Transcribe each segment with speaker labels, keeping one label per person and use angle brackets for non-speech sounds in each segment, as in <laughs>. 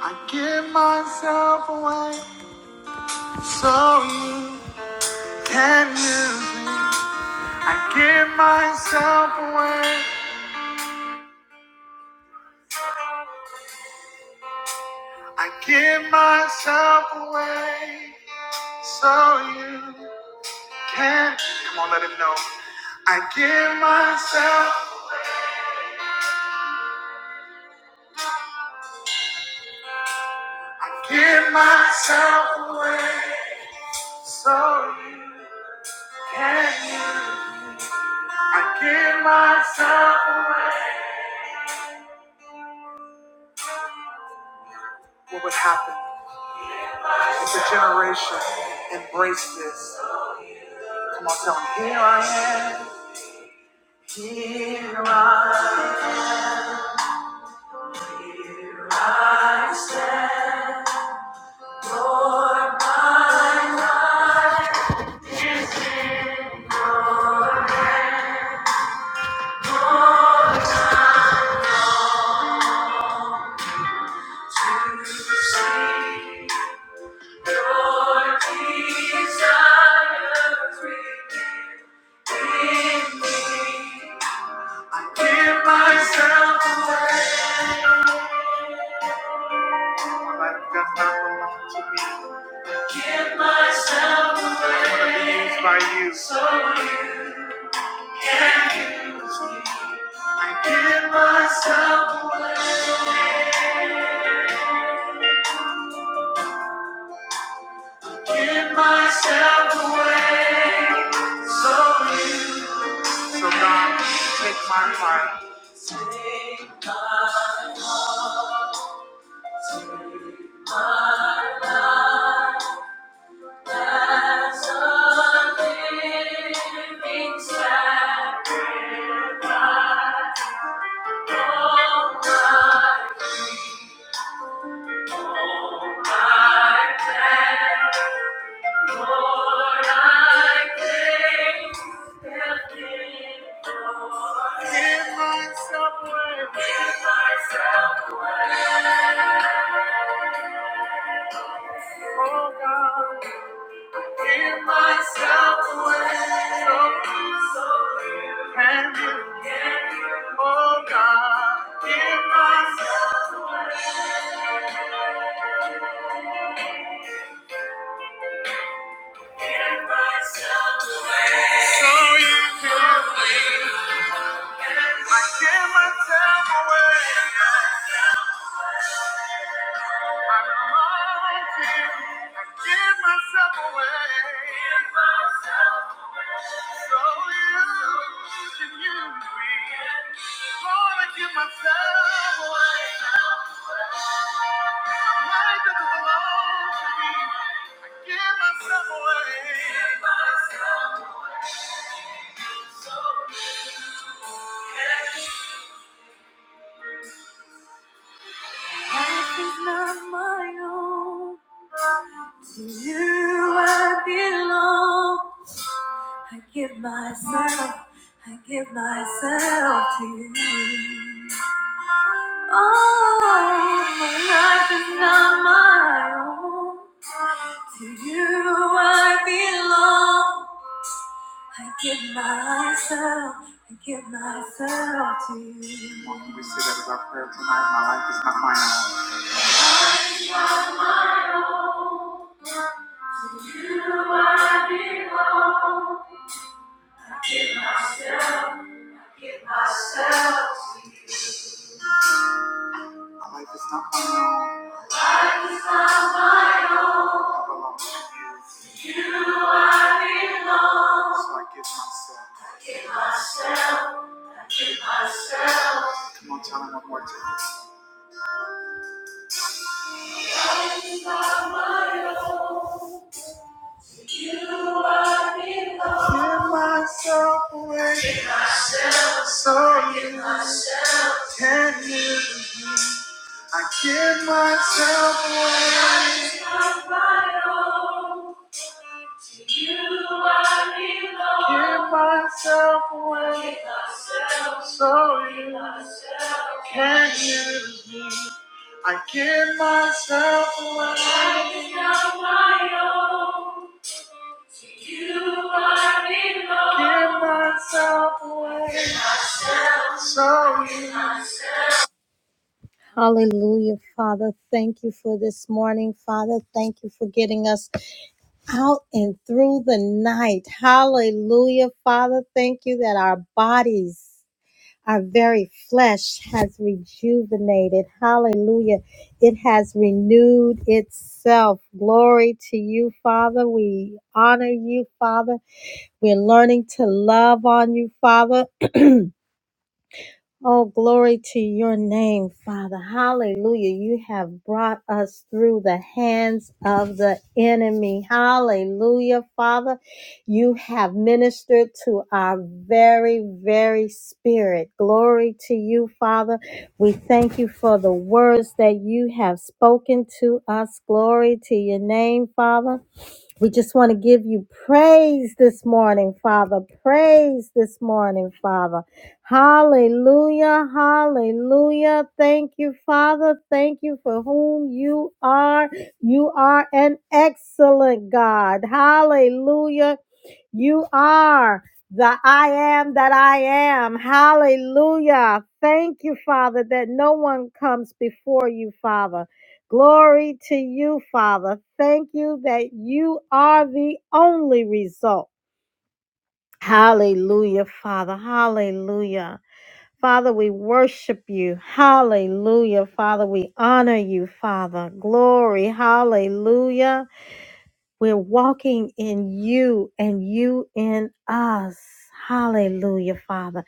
Speaker 1: I give myself away so you can use me. I give myself away. I give myself away so you can. Come on, let him know. I give myself. I give myself away so you can use. me. I give myself away. What would happen if the generation embraced this? Come on, tell me, here I am, here I am. I give myself away. My life does not belong to me. Give myself away. I wanna be used by you. So I give myself away. Give myself away. So God, take my heart. Lord, I think that Give myself away. Give myself away. Oh God, give myself away. So, so can you? Oh God, give myself, give myself away. So you can. I give myself away. I belong to you. I give myself away. Give myself so you can use me. Lord, I give myself away. Life that belongs to me. I give myself away. Give So Life is not my own. To you I belong. I give myself, I give myself to you. Oh, my life is not my own. To you I belong. I give myself, I give myself to you. Well, can we say that as our prayer tonight? My life is not my own. My life is not my own. I belong to you, so I give myself. I Give myself. Come on, tell him one more time. Give myself away so you can use. I give myself away. Give myself away so you can use me. I give myself away. Give myself away so you. Hallelujah, Father. Thank you for this morning, Father. Thank you for getting us out and through the night. Hallelujah, Father. Thank you that our bodies. Our very flesh has rejuvenated. Hallelujah. It has renewed itself. Glory to you, Father. We honor you, Father. We're learning to love on you, Father. Oh, glory to your name, Father. Hallelujah. You have brought us through the hands of the enemy. Hallelujah, Father. You have ministered to our very, very spirit. Glory to you, Father. We thank you for the words that you have spoken to us. Glory to your name, Father. We just want to give you praise this morning, Father. Praise this morning, Father. Hallelujah. Hallelujah. Thank you, Father. Thank you for whom you are. You are an excellent God. Hallelujah. You are the I am that I am. Hallelujah. Thank you, Father, that no one comes before you, Father. Glory to you, Father. Thank you that you are the only result. Hallelujah, Father. Hallelujah. Father, we worship you. Hallelujah, Father. We honor you, Father. Glory. Hallelujah. We're walking in you and you in us. Hallelujah, Father.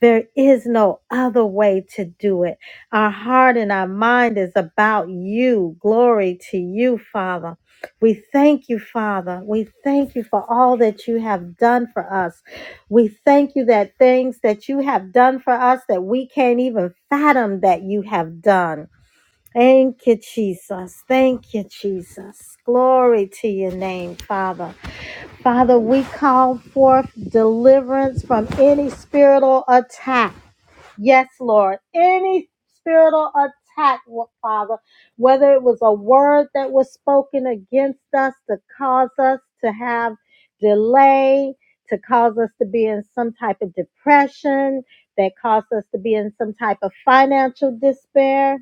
Speaker 1: There is no other way to do it. Our heart and our mind is about you. Glory to you, Father. We thank you, Father. We thank you for all that you have done for us. We thank you that things that you have done for us that we can't even fathom that you have done. Thank you, Jesus. Thank you, Jesus. Glory to your name, Father. Father, we call forth deliverance from any spiritual attack. Yes, Lord. Any spiritual attack, Father, whether it was a word that was spoken against us to cause us to have delay, to cause us to be in some type of depression, that caused us to be in some type of financial despair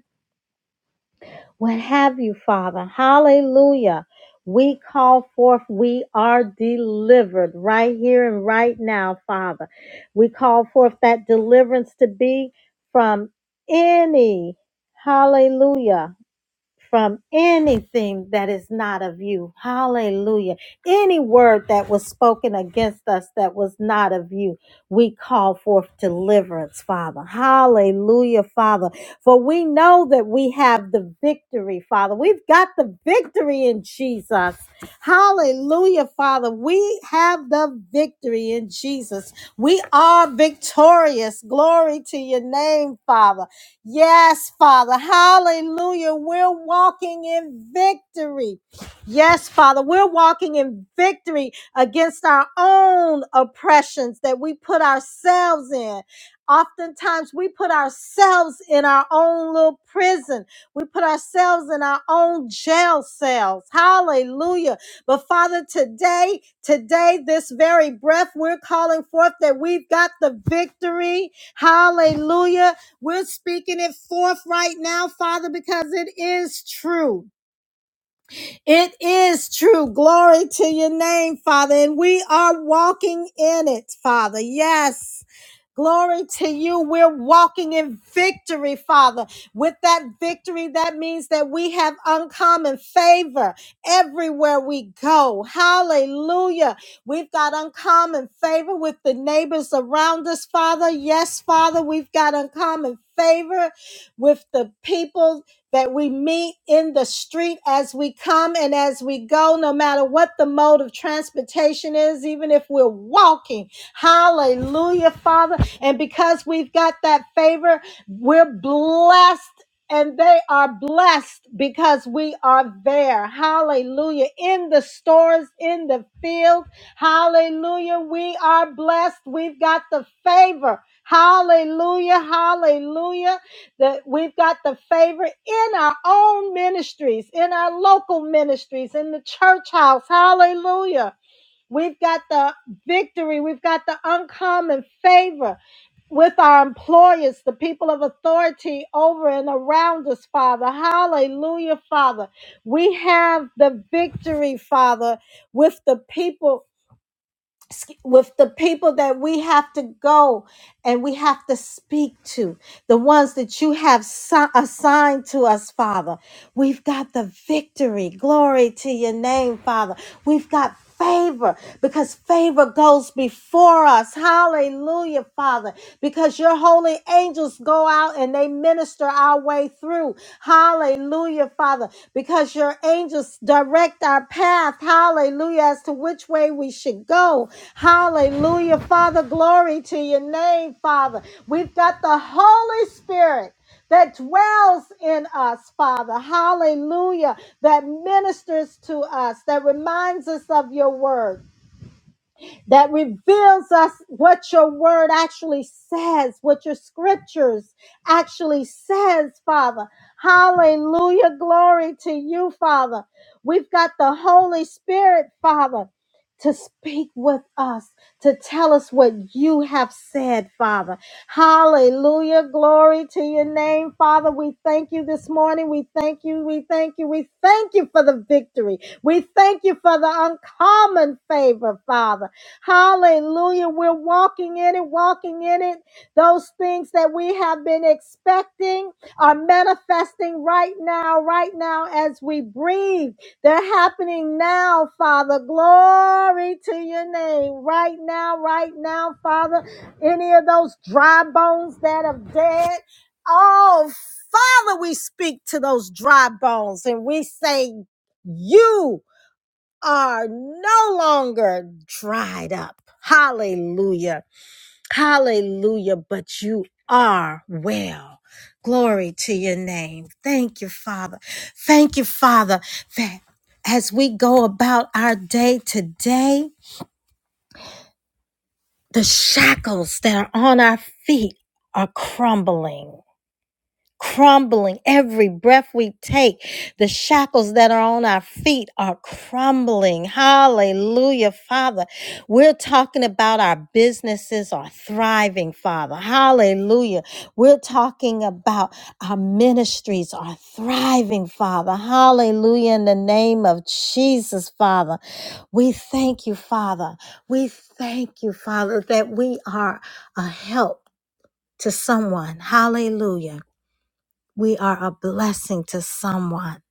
Speaker 1: what have you, Father. Hallelujah. We call forth, we are delivered right here and right now, Father. We call forth that deliverance to be from any, hallelujah, from anything that is not of you. Hallelujah. Any word that was spoken against us that was not of you, we call forth deliverance, Father. Hallelujah, Father. For we know that we have the victory, Father. We've got the victory in Jesus. Hallelujah, Father. We have the victory in Jesus. We are victorious. Glory to your name, Father. Yes, Father. Hallelujah. We're walking in victory. Yes, Father. We're walking in victory against our own oppressions that we put ourselves in. Oftentimes, we put ourselves in our own little prison. We put ourselves in our own jail cells. Hallelujah. But Father, today, today, this very breath, we're calling forth that we've got the victory. Hallelujah we're speaking it forth right now, Father, because it is true. It is true. Glory to your name, Father. And we are walking in it, Father. Yes. Glory to you. We're walking in victory, Father. With that victory, that means that we have uncommon favor everywhere we go. Hallelujah. We've got uncommon favor with the neighbors around us, Father. Yes, Father, we've got uncommon favor with the people that we meet in the street as we come and as we go, no matter what the mode of transportation is, even if we're walking. Hallelujah, Father. And because we've got that favor, we're blessed. And they are blessed because we are there. Hallelujah. In the stores, in the field. Hallelujah. We are blessed. We've got the favor. Hallelujah. Hallelujah. That we've got the favor in our own ministries, in our local ministries, in the church house. Hallelujah. We've got the victory. We've got the uncommon favor with our employers, the people of authority over and around us, Father. Hallelujah, Father. We have the victory, Father, with the people with the people that we have to go and we have to speak to, the ones that you have si- assigned to us, Father. We've got the victory. Glory to your name, Father. We've got favor because favor goes before us. Hallelujah, Father. Because your holy angels go out and they minister our way way through. Hallelujah, Father, because your angels direct our path. Hallelujah, as to which way we should go. Hallelujah, Father, glory to your name, Father. We've got the Holy Spirit that dwells in us, Father. Hallelujah. That ministers to us, that reminds us of your word that reveals us what your word actually says, what your scriptures actually says, Father. Hallelujah. Glory to you, Father. We've got the Holy Spirit, Father, to speak with us, to tell us what you have said, Father. Hallelujah. Glory to your name, Father. We thank you this morning. We thank you. We thank you. We thank you for the victory. We thank you for the uncommon favor, Father. Hallelujah. We're walking in it, walking in it. Those things that we have been expecting are manifesting right now, right now as we breathe. They're happening now, Father. Glory to your name. Right now, right now, Father. Any of those dry bones that are dead, oh, Father, we speak to those dry bones and we say, You are no longer dried up. Hallelujah. Hallelujah. But you are well. Glory to your name. Thank you, Father. Thank you, Father, that as we go about our day today, the shackles that are on our feet are crumbling crumbling every breath we take. The shackles that are on our feet are crumbling. Hallelujah, Father. We're talking about our businesses are thriving, Father. Hallelujah. We're talking about our ministries are thriving, Father. Hallelujah. In the name of Jesus, Father. We thank you, Father. We thank you, Father, that we are a help to someone. Hallelujah we are a blessing to someone,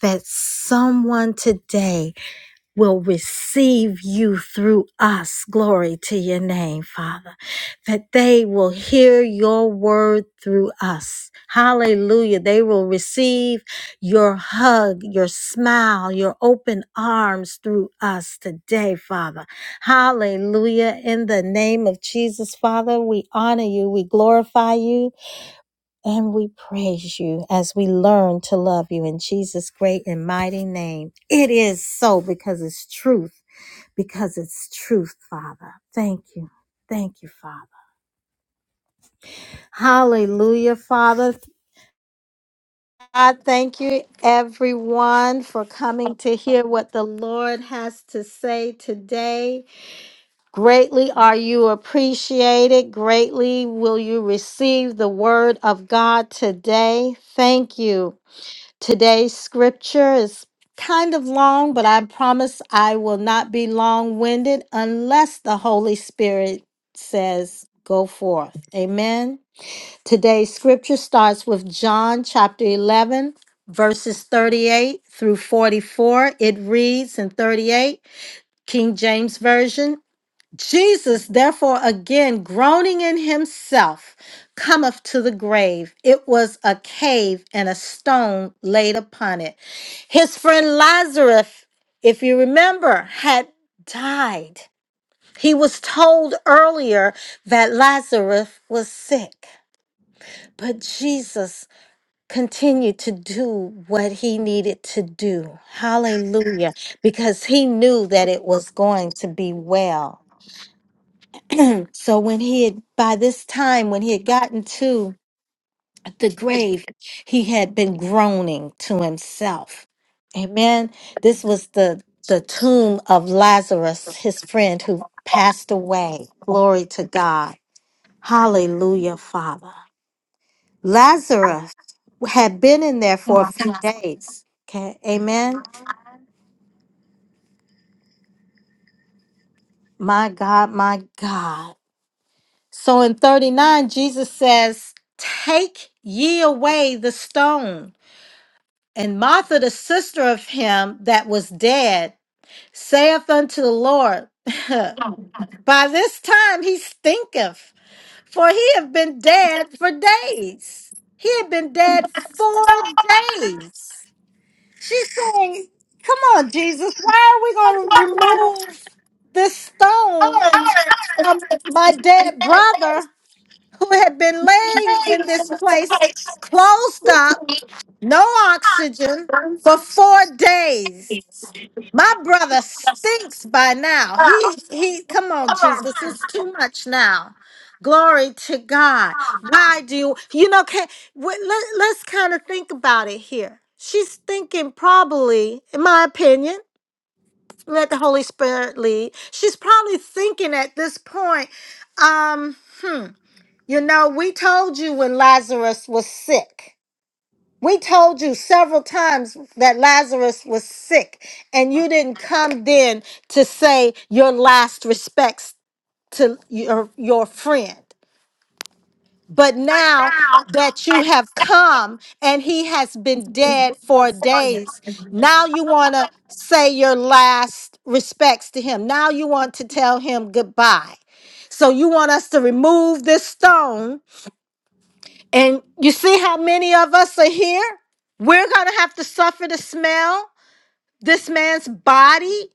Speaker 1: that someone today will receive you through us. Glory to your name, Father, that they will hear your word through us. Hallelujah. They will receive your hug, your smile, your open arms through us today, Father. Hallelujah. In the name of Jesus, Father, we honor you. We glorify you. And we praise you as we learn to love you in Jesus' great and mighty name. It is so because it's truth, because it's truth, Father. Thank you. Thank you, Father. Hallelujah, Father. I thank you, everyone, for coming to hear what the Lord has to say today. Greatly are you appreciated. Greatly will you receive the word of God today. Thank you. Today's scripture is kind of long, but I promise I will not be long winded unless the Holy Spirit says, Go forth. Amen. Today's scripture starts with John chapter 11, verses 38 through 44. It reads in 38, King James Version. Jesus, therefore, again groaning in himself, cometh to the grave. It was a cave and a stone laid upon it. His friend Lazarus, if you remember, had died. He was told earlier that Lazarus was sick, but Jesus continued to do what he needed to do. Hallelujah. Because he knew that it was going to be well. So when he had, by this time, when he had gotten to the grave, he had been groaning to himself. Amen. This was the the tomb of Lazarus, his friend who passed away. Glory to God. Hallelujah, Father. Lazarus had been in there for a few days. Okay. Amen. My God, my God. So in 39, Jesus says, Take ye away the stone. And Martha, the sister of him that was dead, saith unto the Lord, <laughs> By this time he stinketh, for he have been dead for days. He had been dead four days. She's saying, Come on, Jesus, why are we going to remove this stone from my dead brother who had been laying in this place, closed up, no oxygen, for four days? My brother stinks by now. He he come on, Jesus. It's too much now. Glory to God. Why do you you know can we, let, let's kind of think about it here. She's thinking probably, in my opinion, let the Holy Spirit lead. She's probably thinking at this point, um, hmm, you know, we told you when Lazarus was sick. We told you several times that Lazarus was sick, and you didn't come then to say your last respects to your, your friend. But now that you have come and he has been dead for days, now you want to say your last respects to him. Now you want to tell him goodbye. So you want us to remove this stone and you see how many of us are here? We're going to have to suffer the smell, this man's body,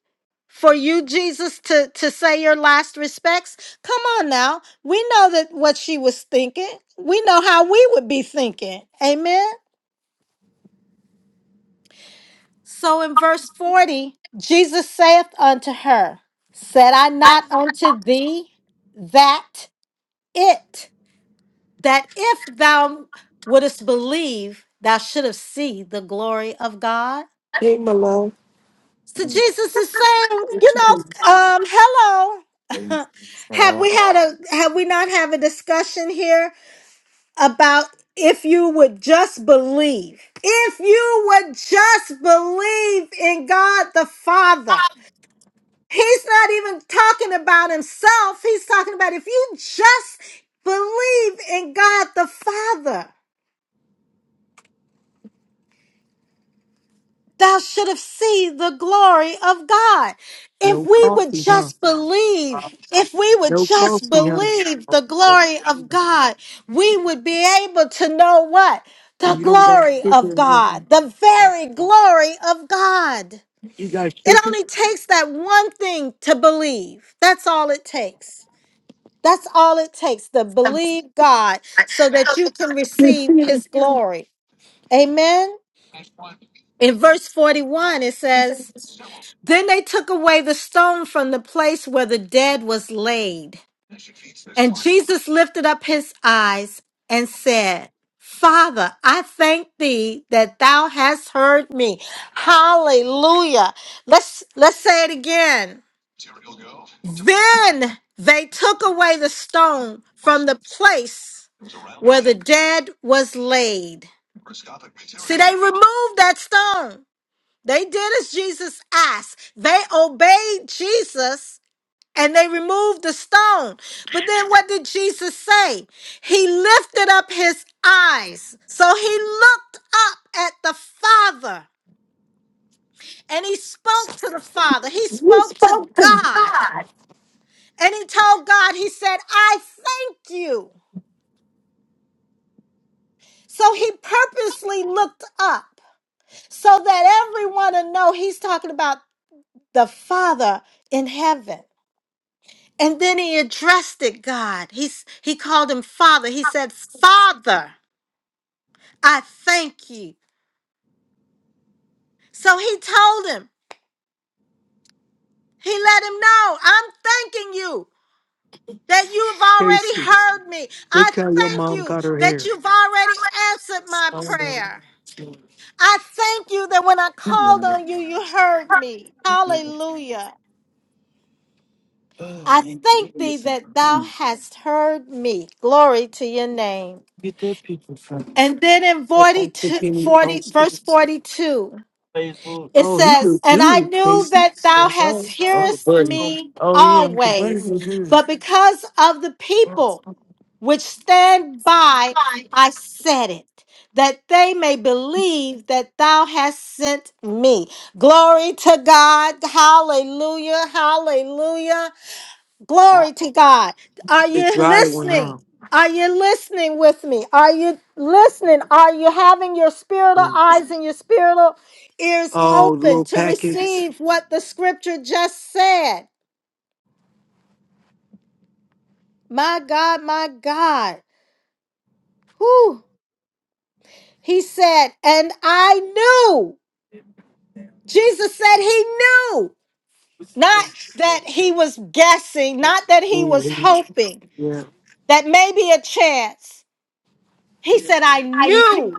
Speaker 1: for you, Jesus, to, to say your last respects. Come on now. We know that what she was thinking. We know how we would be thinking. Amen. So in verse 40, Jesus saith unto her, Said I not unto thee that it? that if thou wouldest believe, thou should have seen the glory of God.
Speaker 2: Hey, my love,
Speaker 1: So Jesus is saying, you
Speaker 2: what you
Speaker 1: know,
Speaker 2: doing?
Speaker 1: um, hello. <laughs> have we had a have we not have a discussion here about if you would just believe? If you would just believe in God the Father. He's not even talking about himself. He's talking about if you just believe in God the Father. thou should have seen the glory of God.
Speaker 2: No
Speaker 1: If we would
Speaker 2: coffee, huh?
Speaker 1: just believe, if we would
Speaker 2: No
Speaker 1: just
Speaker 2: coffee, huh?
Speaker 1: believe the glory of God, we would be able to know what? The
Speaker 2: You don't got
Speaker 1: glory of
Speaker 2: sugar,
Speaker 1: God, the
Speaker 2: huh?
Speaker 1: very glory of God.
Speaker 2: You got
Speaker 1: It
Speaker 2: sugar?
Speaker 1: only takes that one thing to believe. That's all it takes. That's all it takes to believe God so that you can receive his glory. Amen. In verse 41, it says, then they took away the stone from the place where the dead was laid. And Jesus lifted up his eyes and said, Father, I thank thee that thou hast heard me. Hallelujah. Let's let's say it again. Then they took away the stone from the place where the dead was laid. See, they removed that stone. They did as Jesus asked. They obeyed Jesus and they removed the stone. But then what did Jesus say? He lifted up his eyes. So he looked up at the Father and he spoke to the Father. He spoke to God and he told God, He said, I thank you. So he purposely looked up so that everyone would know he's talking about the Father in heaven. And then he addressed it, God. He he called him Father. He said, Father. I thank you. So he told him, he let him know, I'm thanking you that you've already
Speaker 2: Tasty.
Speaker 1: heard me. I
Speaker 2: Look how your
Speaker 1: thank
Speaker 2: mom
Speaker 1: you
Speaker 2: got her
Speaker 1: that
Speaker 2: hair.
Speaker 1: you've already answered my
Speaker 2: I don't
Speaker 1: prayer. I thank you that when I called
Speaker 2: know.
Speaker 1: on you, you heard me. Hallelujah.
Speaker 2: Oh,
Speaker 1: I
Speaker 2: man,
Speaker 1: thank
Speaker 2: we need
Speaker 1: thee
Speaker 2: some.
Speaker 1: that
Speaker 2: Hmm.
Speaker 1: thou hast heard me. Glory to your name.
Speaker 2: Get that picture from
Speaker 1: And then in
Speaker 2: your Uncle
Speaker 1: 42,
Speaker 2: Penny
Speaker 1: 40,
Speaker 2: posted.
Speaker 1: verse 42.
Speaker 2: Facebook.
Speaker 1: It
Speaker 2: Oh, he
Speaker 1: says,
Speaker 2: look
Speaker 1: And I
Speaker 2: good,
Speaker 1: knew
Speaker 2: Casey.
Speaker 1: that thou
Speaker 2: What's up?
Speaker 1: hast
Speaker 2: Uncle
Speaker 1: hearest
Speaker 2: Buddy.
Speaker 1: me
Speaker 2: Oh, yeah, Uncle Buddy
Speaker 1: always,
Speaker 2: look good.
Speaker 1: but because of the people which stand by, I said it, that they may believe that thou hast sent me. Glory to God. Hallelujah. Hallelujah. Glory to God. Are
Speaker 2: The
Speaker 1: you
Speaker 2: dry one,
Speaker 1: listening?
Speaker 2: huh?
Speaker 1: Are you listening with me? Are you listening? Are you having your spiritual eyes and your spiritual ears
Speaker 2: Oh,
Speaker 1: open
Speaker 2: little
Speaker 1: to
Speaker 2: packets.
Speaker 1: receive what the scripture just said? My God, my God. Whew. He said, and I knew. Jesus said he knew. Not that he was guessing, not that he was
Speaker 2: Mhm.
Speaker 1: hoping,
Speaker 2: Yeah.
Speaker 1: that maybe a chance. He said, I knew.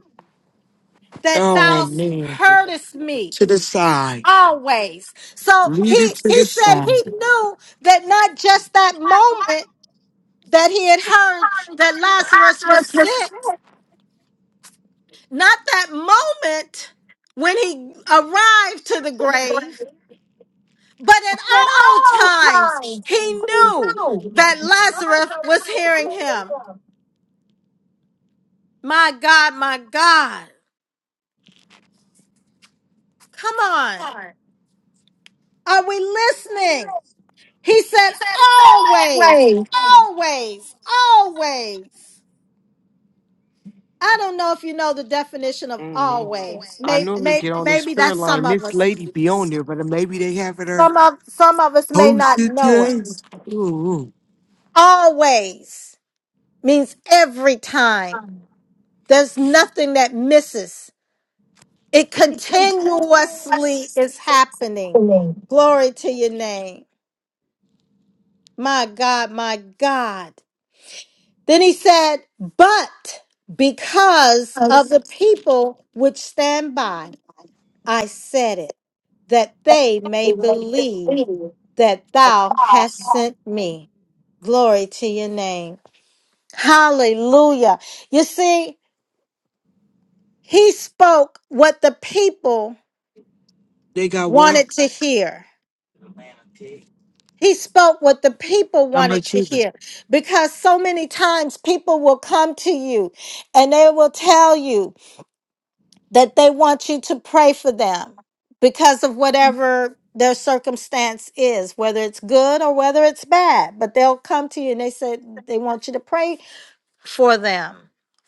Speaker 1: that
Speaker 2: Oh
Speaker 1: thou
Speaker 2: man.
Speaker 1: hurtest me
Speaker 2: To the side.
Speaker 1: always. So
Speaker 2: Lead it
Speaker 1: he
Speaker 2: to the
Speaker 1: he said
Speaker 2: side.
Speaker 1: he knew that not just that moment that he had heard that Lazarus was sick, not that moment when he arrived to the grave, but at all times he knew that Lazarus was hearing him. My God, my God. Come on. Are we listening? He said, always, always, always. I don't know if you know the definition of
Speaker 2: Mhm.
Speaker 1: always.
Speaker 2: I
Speaker 1: May,
Speaker 2: normally
Speaker 1: may,
Speaker 2: get on this
Speaker 1: maybe
Speaker 2: prayer
Speaker 1: that's some
Speaker 2: line.
Speaker 1: of
Speaker 2: This
Speaker 1: us.
Speaker 2: lady be on there, but maybe they having her
Speaker 1: Some of some of us may not
Speaker 2: posted
Speaker 1: know it.
Speaker 2: today. Ooh,
Speaker 1: Always means every time. There's nothing that misses. It continuously is happening. Glory to your name. My God, my God. Then he said, But because of the people which stand by, I said it, that they may believe that thou hast sent me. Glory to your name. Hallelujah. You see, he spoke what the people
Speaker 2: they got what?
Speaker 1: wanted to hear. He spoke what the people
Speaker 2: How
Speaker 1: wanted
Speaker 2: much
Speaker 1: to
Speaker 2: is it?
Speaker 1: hear because so many times people will come to you and they will tell you that they want you to pray for them because of whatever their circumstance is, whether it's good or whether it's bad. But they'll come to you and they say they want you to pray for them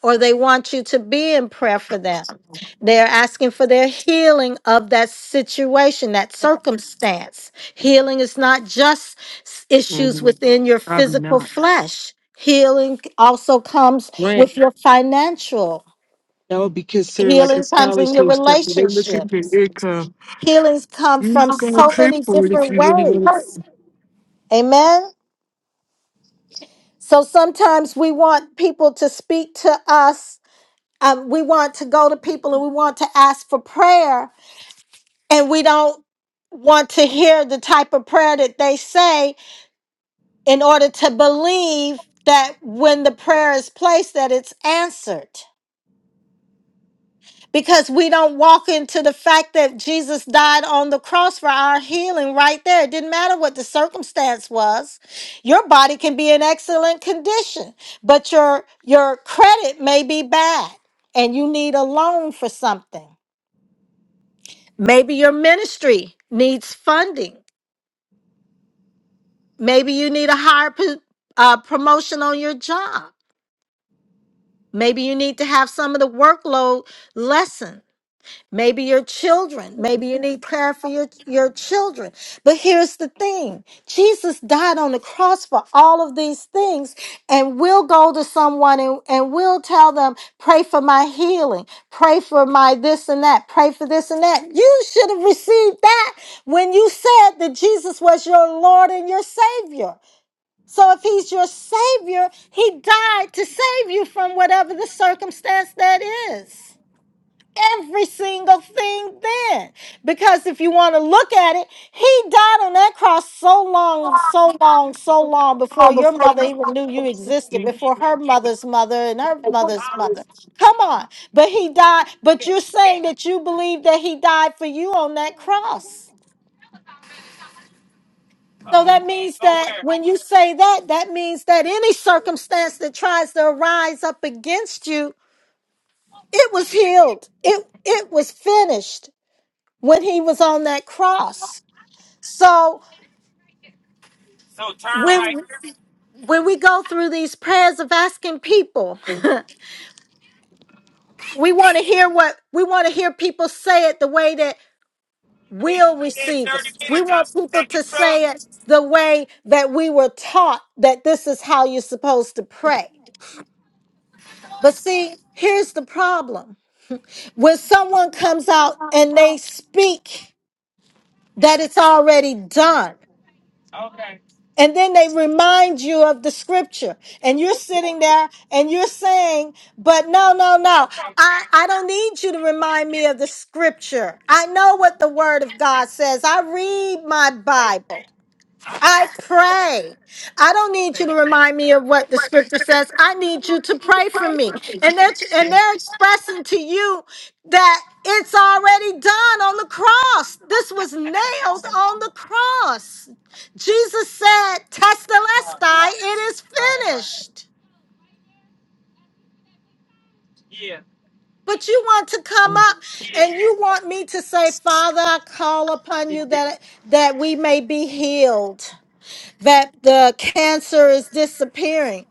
Speaker 1: or they want you to be in prayer for them. They're asking for their healing of that situation, that circumstance. Healing is not just s- issues
Speaker 2: hmm
Speaker 1: within your
Speaker 2: Probably
Speaker 1: physical
Speaker 2: not.
Speaker 1: flesh. Healing also comes
Speaker 2: Grant,
Speaker 1: with your financial
Speaker 2: that would be considered like a
Speaker 1: Healing comes in your
Speaker 2: scholarship stuff. They look at your
Speaker 1: relationships.
Speaker 2: income.
Speaker 1: Healings come
Speaker 2: You
Speaker 1: from
Speaker 2: gotta
Speaker 1: so
Speaker 2: pay
Speaker 1: many
Speaker 2: for it if
Speaker 1: different
Speaker 2: you really want
Speaker 1: ways. Amen. So sometimes we want people to speak to us. Um, we want to go to people and we want to ask for prayer, and we don't want to hear the type of prayer that they say in order to believe that when the prayer is placed that it's answered because we don't walk into the fact that Jesus died on the cross for our healing right there. It didn't matter what the circumstance was. Your body can be in excellent condition, but your your credit may be bad and you need a loan for something. Maybe your ministry needs funding. Maybe you need a higher po- uh, promotion on your job. Maybe you need to have some of the workload lessened. Maybe your children. Maybe you need prayer for your, your children. But here's the thing Jesus died on the cross for all of these things, and we'll go to someone and, and we'll tell them, pray for my healing, pray for my this and that, pray for this and that. You should have received that when you said that Jesus was your Lord and your Savior. So if he's your Savior, he died to save you from whatever the circumstance that is every single thing then. Because if you want to look at it, he died on that cross so long, so long, so long before your mother even knew you existed, before her mother's mother and her mother's mother. Come on. But he died, but you're saying that you believe that he died for you on that cross. So that means that when you say that, that means that any circumstance that tries to arise up against you, it was healed. It it was finished when he was on that cross. So
Speaker 2: to.
Speaker 1: when when we go through these prayers of asking people, <laughs> we want to hear what we want to hear people say it the way that
Speaker 2: In,
Speaker 1: we'll
Speaker 2: in
Speaker 1: receive it.
Speaker 2: 30
Speaker 1: We
Speaker 2: minutes, I'm
Speaker 1: want people to
Speaker 2: taking truck.
Speaker 1: say it the way that we were taught that this is how you're supposed to pray. But see, here's the problem. When someone comes out and they speak that it's already done.
Speaker 2: Okay,
Speaker 1: And then they remind you of the scripture. And you're sitting there and you're saying, but no, no, no.
Speaker 2: okay.
Speaker 1: I, I don't need you to remind me of the scripture. I know what the word of God says. I read my
Speaker 2: Hey,
Speaker 1: Bible. I pray. I don't need you
Speaker 2: hey.
Speaker 1: to remind me of what the scripture says. I need you to pray for me. And they're and
Speaker 2: Yeah.
Speaker 1: they're expressing to you that it's already done on the cross. This was nailed on the cross. Jesus said,
Speaker 2: Right,
Speaker 1: Testelestai, it is
Speaker 2: right.
Speaker 1: finished.
Speaker 2: Yeah,
Speaker 1: But you want to come
Speaker 2: Mm.
Speaker 1: up
Speaker 2: yeah.
Speaker 1: and you want me to say, Father, I call upon
Speaker 2: yeah.
Speaker 1: you that that we may be healed. that the cancer is disappearing.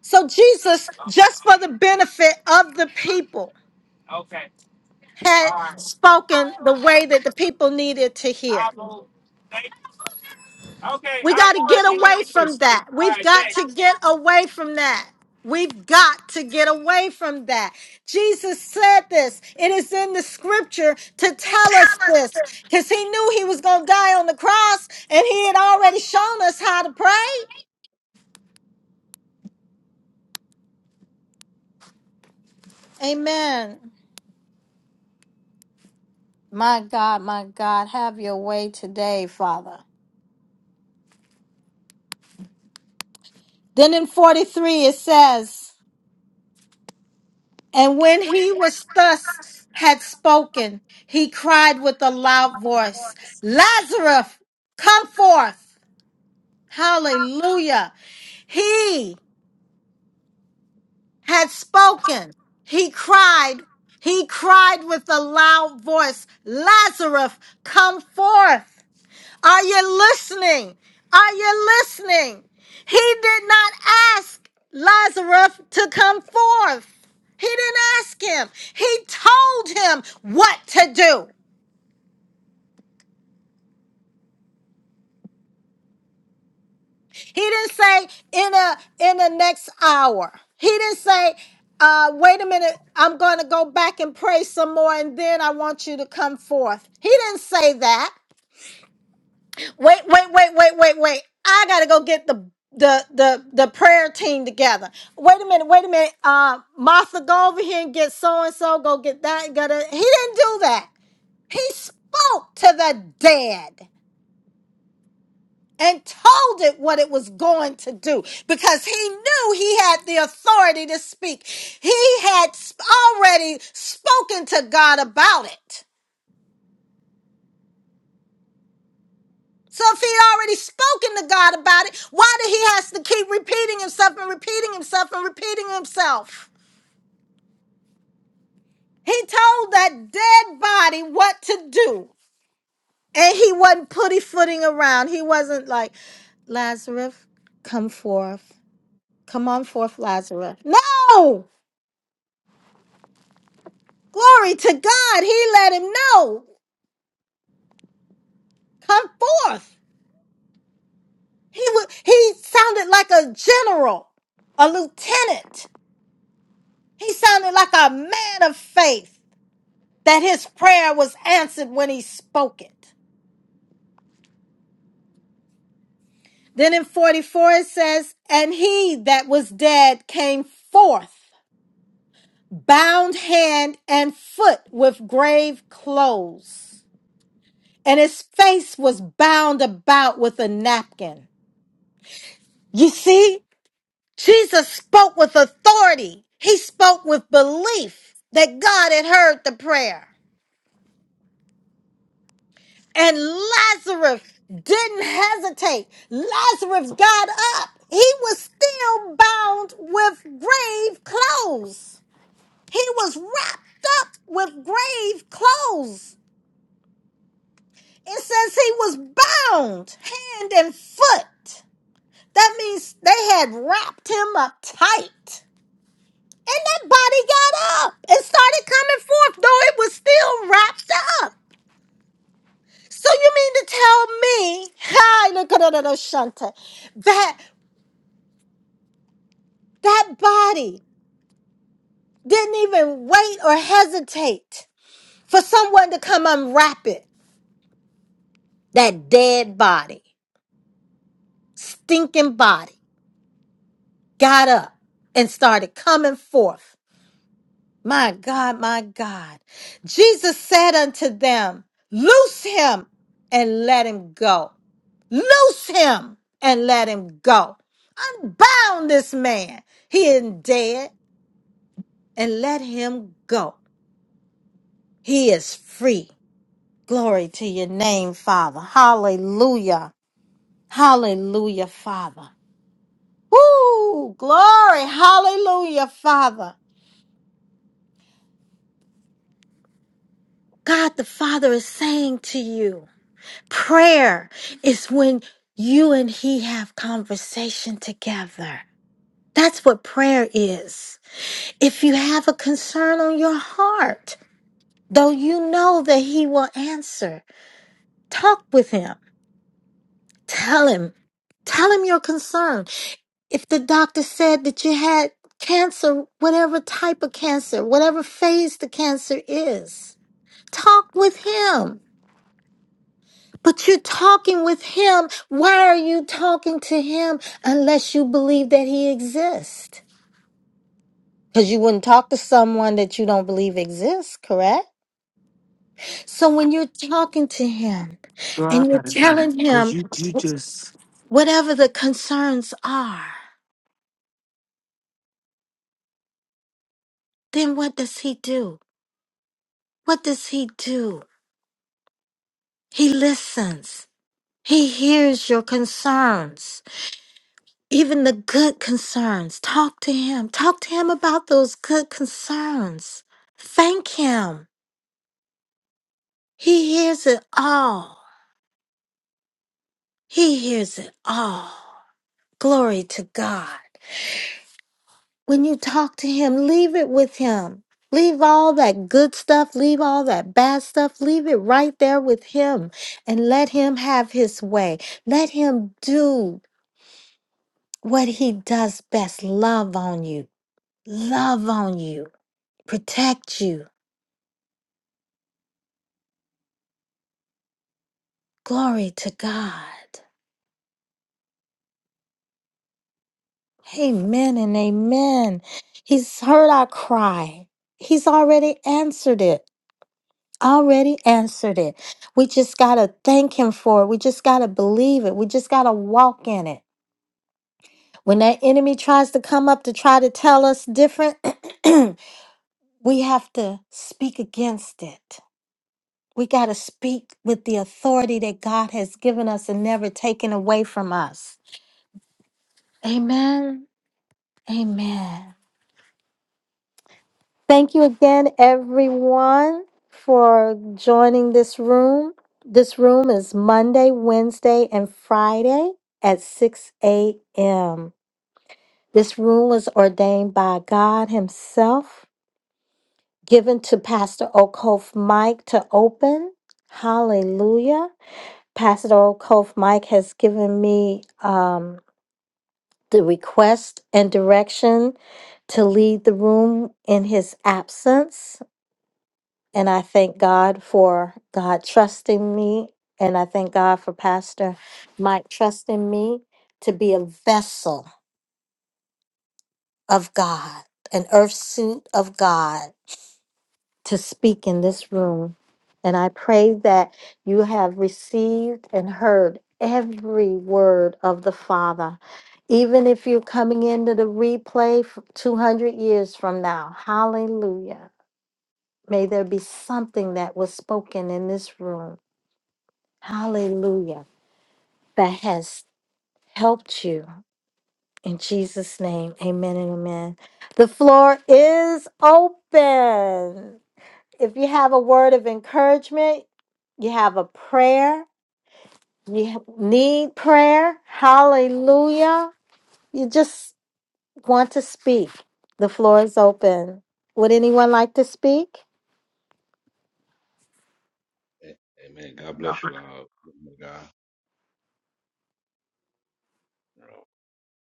Speaker 1: So Jesus,
Speaker 2: Um,
Speaker 1: just for the benefit of the people,
Speaker 2: okay,
Speaker 1: had
Speaker 2: all right.
Speaker 1: spoken the way that the people needed to hear.
Speaker 2: I'll move. Thank you. Okay,
Speaker 1: We
Speaker 2: I'll
Speaker 1: got to
Speaker 2: move
Speaker 1: get
Speaker 2: if you
Speaker 1: away
Speaker 2: need me to.
Speaker 1: from that.
Speaker 2: All
Speaker 1: We've
Speaker 2: right,
Speaker 1: got
Speaker 2: thanks.
Speaker 1: to get away from that. We've got to get away from that. Jesus said this. It is in the scripture to tell us this because he knew he was going to die on the cross and he had already shown us how to pray. Amen. My God, my God, have your way today, Father. Then in 43 it says, And when he was thus had spoken, he cried with a loud voice, Lazarus, come forth. Hallelujah. He had spoken. He cried. He cried with a loud voice, Lazarus, come forth. Are you listening? Are you listening? He did not ask Lazarus to come forth. He didn't ask him. He told him what to do. He didn't say in a in the next hour. He didn't say, uh, wait a minute, I'm gonna go back and pray some more and then I want you to come forth. He didn't say that. Wait, wait, wait, wait, wait, wait. I gotta go get the the the the prayer team together. Wait a minute, wait a minute. Uh Martha, go over here and get so and so, go get that got to He didn't do that. He spoke to the dead and told it what it was going to do because he knew he had the authority to speak. He had sp- already spoken to God about it. So if he already spoken to God about it, why did he has to keep repeating himself and repeating himself and repeating himself? He told that dead body what to do. And he wasn't putty footing around. He wasn't like, Lazarus, come forth. Come on forth, Lazarus. No! Glory to God. He let him know. Come forth. He would he sounded like a general, a lieutenant. He sounded like a man of faith. that his prayer was answered when he spoke it. Then in 44 it says, And he that was dead came forth, bound hand and foot with grave clothes, and his face was bound about with a napkin. You see, Jesus spoke with authority, he spoke with belief that God had heard the prayer. And Lazarus didn't hesitate. Lazarus got up. He was still bound with grave clothes. He was wrapped up with grave clothes. It says he was bound hand and foot. That means they had wrapped him up tight. And that body got up and started coming forth, though it was still wrapped up. So you mean to tell me, hi, look at that, Shanta, that that body didn't even wait or hesitate for someone to come unwrap it? That dead body, stinking body, got up and started coming forth My God, my God. Jesus said unto them, Loose him and let him go. Loose him and let him go. Unbound this man. He isn't dead and let him go. He is free. Glory to your name, Father. Hallelujah. Hallelujah, Father. Woo! Glory. Hallelujah, Father. God the Father is saying to you. Prayer is when you and he have conversation together. That's what prayer is. If you have a concern on your heart, though you know that he will answer, talk with him. Tell him. Tell him your concern. If the doctor said that you had cancer, whatever type of cancer, whatever phase the cancer is, talk with him But you're talking with him. Why are you talking to him unless you believe that he exists? Because you wouldn't talk to someone that you don't believe exists, correct? So when you're talking to him
Speaker 2: Girl, I
Speaker 1: and you're
Speaker 2: gotta go.
Speaker 1: telling
Speaker 2: Cause
Speaker 1: him
Speaker 2: you you just
Speaker 1: whatever the concerns are, then what does he do? What does he do? He listens. He hears your concerns. Even the good concerns. Talk to him. Talk to him about those good concerns. Thank him. He hears it all. He hears it all. Glory to God. When you talk to him, leave it with him. Leave all that good stuff, leave all that bad stuff, leave it right there with him and let him have his way. Let him do what he does best love on you, love on you, protect you Glory to God. Amen and amen. He's heard our cry. He's already answered it. Already answered it. We just got to thank him for it. We just got to believe it. We just got to walk in it. When that enemy tries to come up to try to tell us different, <clears throat> we have to speak against it. We got to speak with the authority that God has given us and never taken away from us. Amen. Amen. Thank you again, everyone, for joining this room. This room is Monday, Wednesday, and Friday at 6 a.m. This room was ordained by God Himself, given to Pastor Okof Mike to open. Hallelujah. Pastor Okof Mike has given me um, the request and direction to lead the room in his absence. And I thank God for God trusting me. And I thank God for Pastor Mike trusting me to be a vessel of God, an earth suit of God to speak in this room. And I pray that you have received and heard every word of the Father. Even if you're coming into the replay f- 200 years from now, hallelujah. May there be something that was spoken in this room Hallelujah. That has helped you. In Jesus' name, amen and amen. The floor is open. If you have a word of encouragement, you have a prayer, you ha- need prayer, hallelujah. You just want to speak. The floor is open. Would anyone like to speak?
Speaker 3: A- Amen. God bless you, uh, woman of God. You know,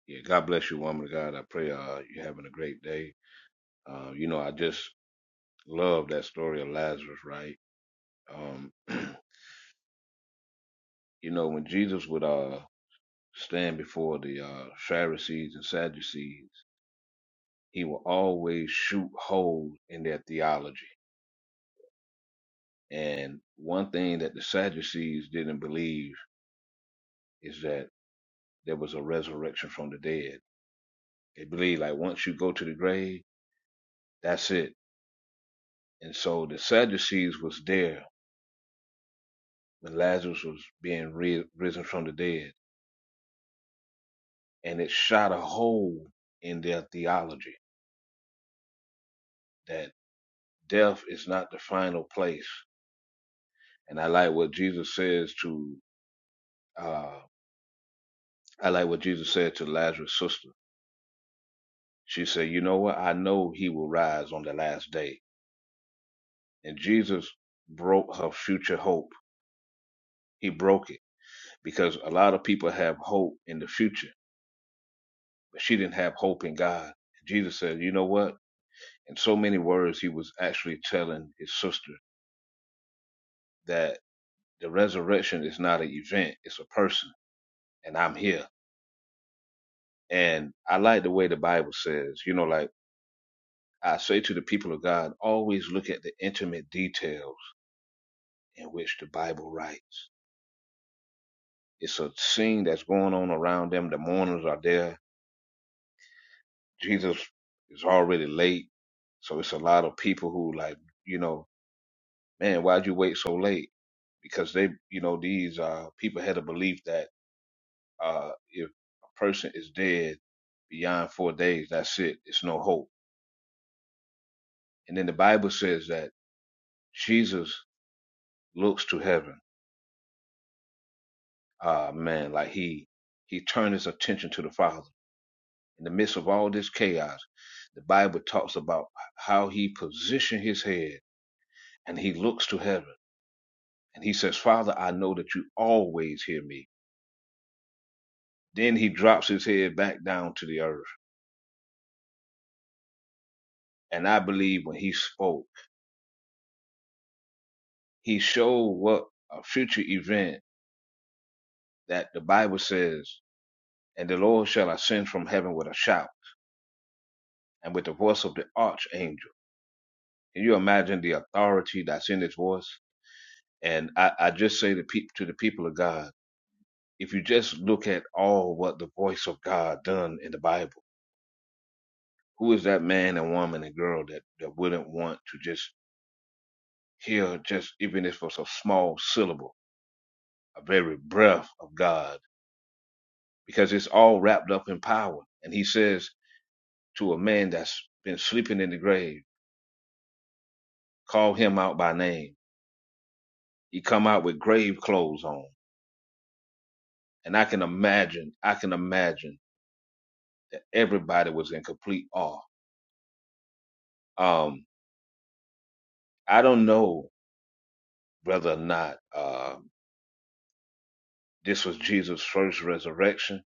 Speaker 3: yeah, God bless you, woman of God. I pray uh, you're having a great day. Uh, you know, I just love that story of Lazarus, right? Um, <clears throat> you know, when Jesus would uh, stand before the uh, Pharisees and Sadducees, he would always shoot holes in their theology. And one thing that the Sadducees didn't believe is that there was a resurrection from the dead. They believed like once you go to the grave, that's it And so the Sadducees was there when Lazarus was being re- risen from the dead, and it shot a hole in their theology that death is not the final place. And I like what Jesus says to uh, I like what Jesus said to Lazarus' sister. She said, "You know what? I know he will rise on the last day." And Jesus broke her future hope. He broke it because a lot of people have hope in the future, but she didn't have hope in God. Jesus said, "You know what? in so many words, he was actually telling his sister that the resurrection is not an event, it's a person, and I'm here. And I like the way the Bible says, you know, like I say to the people of God, always look at the intimate details in which the Bible writes. It's a scene that's going on around them. The mourners are there. Jesus is already late. So it's a lot of people who, like, you know, man, why'd you wait so late? Because they, you know, these uh, people had a belief that Uh, if a person is dead beyond four days, that's it. It's no hope. And then the Bible says that Jesus looks to heaven. Ah, man, like he he turned his attention to the Father. In the midst of all this chaos, the Bible talks about how he positioned his head and he looks to heaven and he says, Father, I know that you always hear me. Then he drops his head back down to the earth. And I believe when he spoke, he showed what a future event that the Bible says, and the Lord shall ascend from heaven with a shout and with the voice of the archangel. Can you imagine the authority that's in his voice? And I, I just say to, peop to the people of God, if you just look at all what the voice of God done in the Bible, who is that man and woman and girl that, that wouldn't want to just hear just even if it was a small syllable, a very breath of God, because it's all wrapped up in power. And he says to a man that's been sleeping in the grave, call him out by name. He come out with grave clothes on. And I can imagine, I can imagine that everybody was in complete awe. Um, I don't know whether or not uh, this was Jesus' first resurrection,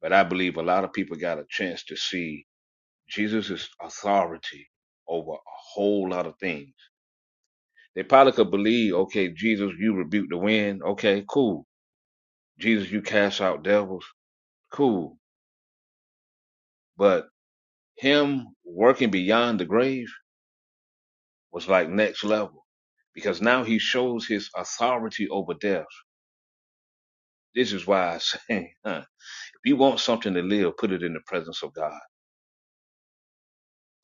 Speaker 3: but I believe a lot of people got a chance to see Jesus' authority over a whole lot of things. They probably could believe, okay, Jesus, you rebuke the wind. Okay, cool. Jesus, you cast out devils. Cool. But Him working beyond the grave was like next level because now he shows his authority over death. This is why I say, <laughs> huh, if you want something to live, put it in the presence of God.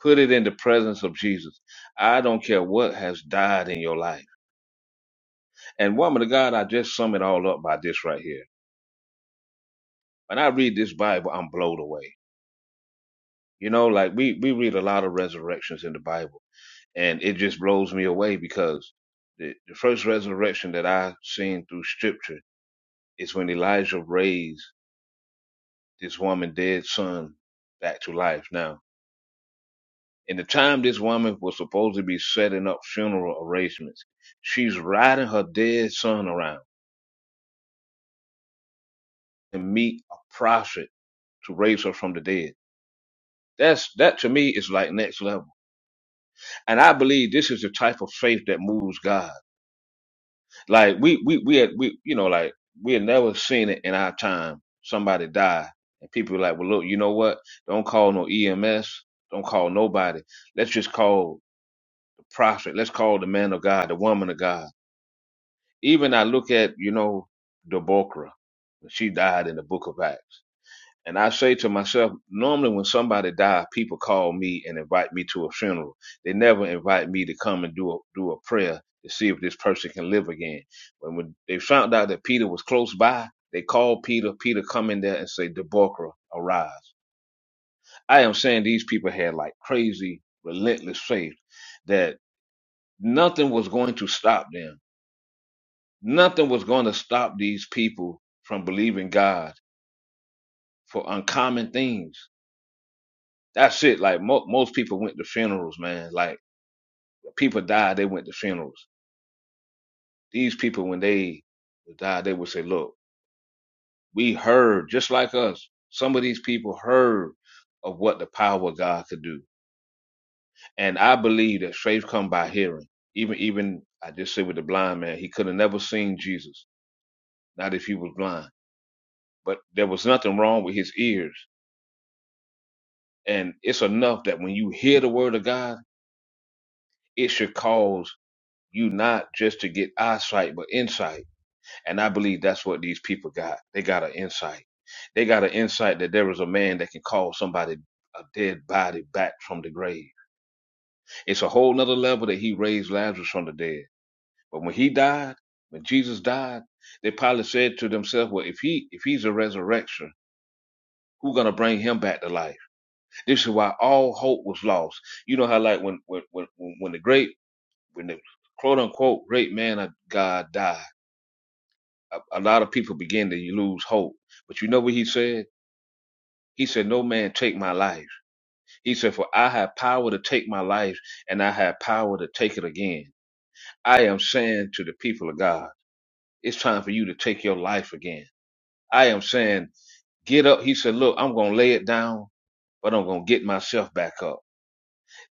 Speaker 3: Put it in the presence of Jesus. I don't care what has died in your life. And woman of God, I just sum it all up by this right here. When I read this Bible, I'm blown away. You know, like we, we read a lot of resurrections in the Bible and it just blows me away because the, the first resurrection that I seen through scripture is when Elijah raised this woman dead son back to life. Now, in the time this woman was supposed to be setting up funeral arrangements, she's riding her dead son around to meet a prophet to raise her from the dead. That's that to me is like next level. And I believe this is the type of faith that moves God. Like we we we had we you know like we had never seen it in our time somebody die and people were like, well look, you know what? Don't call no EMS, don't call nobody. Let's just call the prophet. Let's call the man of God, the woman of God. Even I look at you know Deborah, she died in the Book of Acts. And I say to myself, normally when somebody dies, people call me and invite me to a funeral. They never invite me to come and do a, do a prayer to see if this person can live again. When when they found out that Peter was close by, they called Peter. Peter come in there and say, Debocra, arise. I am saying these people had like crazy, relentless faith that nothing was going to stop them. Nothing was going to stop these people from believing God for uncommon things That's it. Like mo- most people went to funerals, man. Like people died, they went to funerals. These people, when they died, they would say, "Look, we heard just like us. Some of these people heard of what the power of God could do, and I believe that faith come by hearing. Even, even I just said with the blind man, he could have never seen Jesus, not if he was blind. But there was nothing wrong with his ears, and it's enough that when you hear the word of God, it should cause you not just to get eyesight, but insight And I believe that's what these people got. They got an insight. They got an insight that there is a man that can call somebody a dead body back from the grave. It's a whole nother level that he raised Lazarus from the dead. But when he died, when Jesus died, they probably said to themselves, Well, if he if he's a resurrection, who's gonna bring him back to life? This is why all hope was lost. You know how like when when when when the great when the quote unquote great man of God died, a, a lot of people begin to lose hope. But you know what he said? He said, No man take my life. He said, For I have power to take my life and I have power to take it again. I am saying to the people of God, it's time for you to take your life again. I am saying, get up. He said, Look, I'm going to lay it down, but I'm going to get myself back up.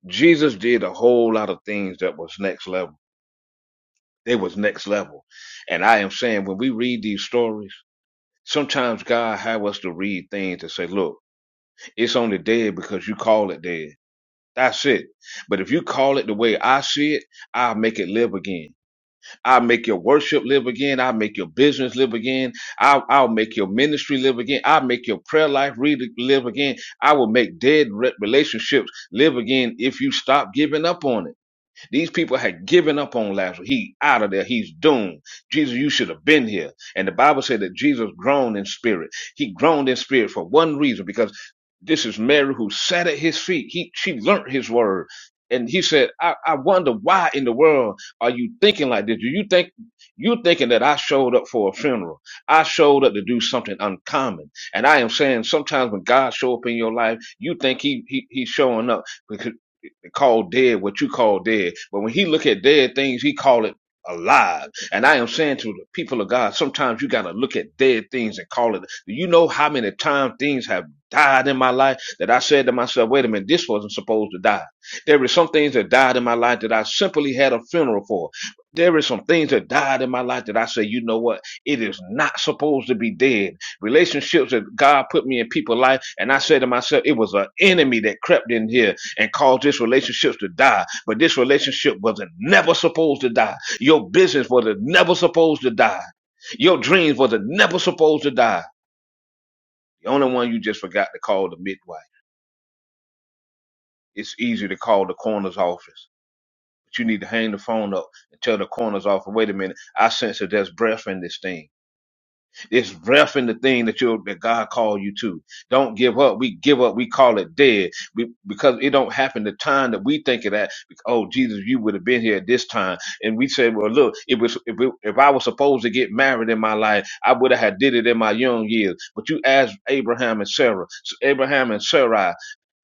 Speaker 3: Jesus did a whole lot of things that was next level. They was next level. And I am saying, when we read these stories, sometimes God have us to read things and say, Look, it's only dead because you call it dead. That's it. But if you call it the way I see it, I'll make it live again. I'll make your worship live again. I'll make your business live again. I'll, I'll make your ministry live again. I'll make your prayer life re- live again. I will make dead re- relationships live again if you stop giving up on it. These people had given up on Lazarus. He out of there. He's doomed. Jesus, you should have been here. And the Bible said that Jesus groaned in spirit. He groaned in spirit for one reason, because this is Mary who sat at his feet. He she learnt his word. And he said, I, I wonder why in the world are you thinking like this? Do you think you're thinking that I showed up for a funeral? I showed up to do something uncommon. And I am saying sometimes when God show up in your life, you think he, he he's showing up because." and call dead what you call dead. But when he look at dead things, he call it alive. And I am saying to the people of God, sometimes you gotta look at dead things and call it. Do you know how many times things have died in my life that I said to myself, wait a minute, this wasn't supposed to die. There were some things that died in my life that I simply had a funeral for. There were some things that died in my life that I say, you know what? It is not supposed to be dead. Relationships that God put me in people's life, and I said to myself, it was an enemy that crept in here and cause this relationship to die. But this relationship wasn't never supposed to die. Your business was not never supposed to die. Your dreams was not never supposed to die. The only one you just forgot to call the midwife. It's easy to call the coroner's office, but you need to hang the phone up and tell the coroner's office, wait a minute, I sense that there's breath in this thing. It's rough in the thing that you that God called you to. Don't give up. We give up. We call it dead we, because it don't happen the time that we think it at. Oh, Jesus, you would have been here at this time. And we say, well, look, it was if, it, if I was supposed to get married in my life, I would have had did it in my young years. But you asked Abraham and Sarah, Abraham and Sarai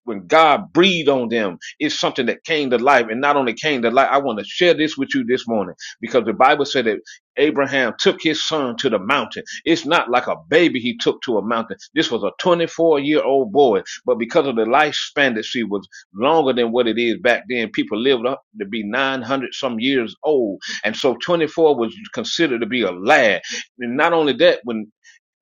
Speaker 3: when God breathed on them, it's something that came to life. And not only came to life, I want to share this with you this morning because the Bible said that Abraham took his son to the mountain. It's not like a baby he took to a mountain. This was a 24 year old boy, but because of the lifespan that she was longer than what it is back then, people lived up to be 900 some years old. And so 24 was considered to be a lad. And not only that, when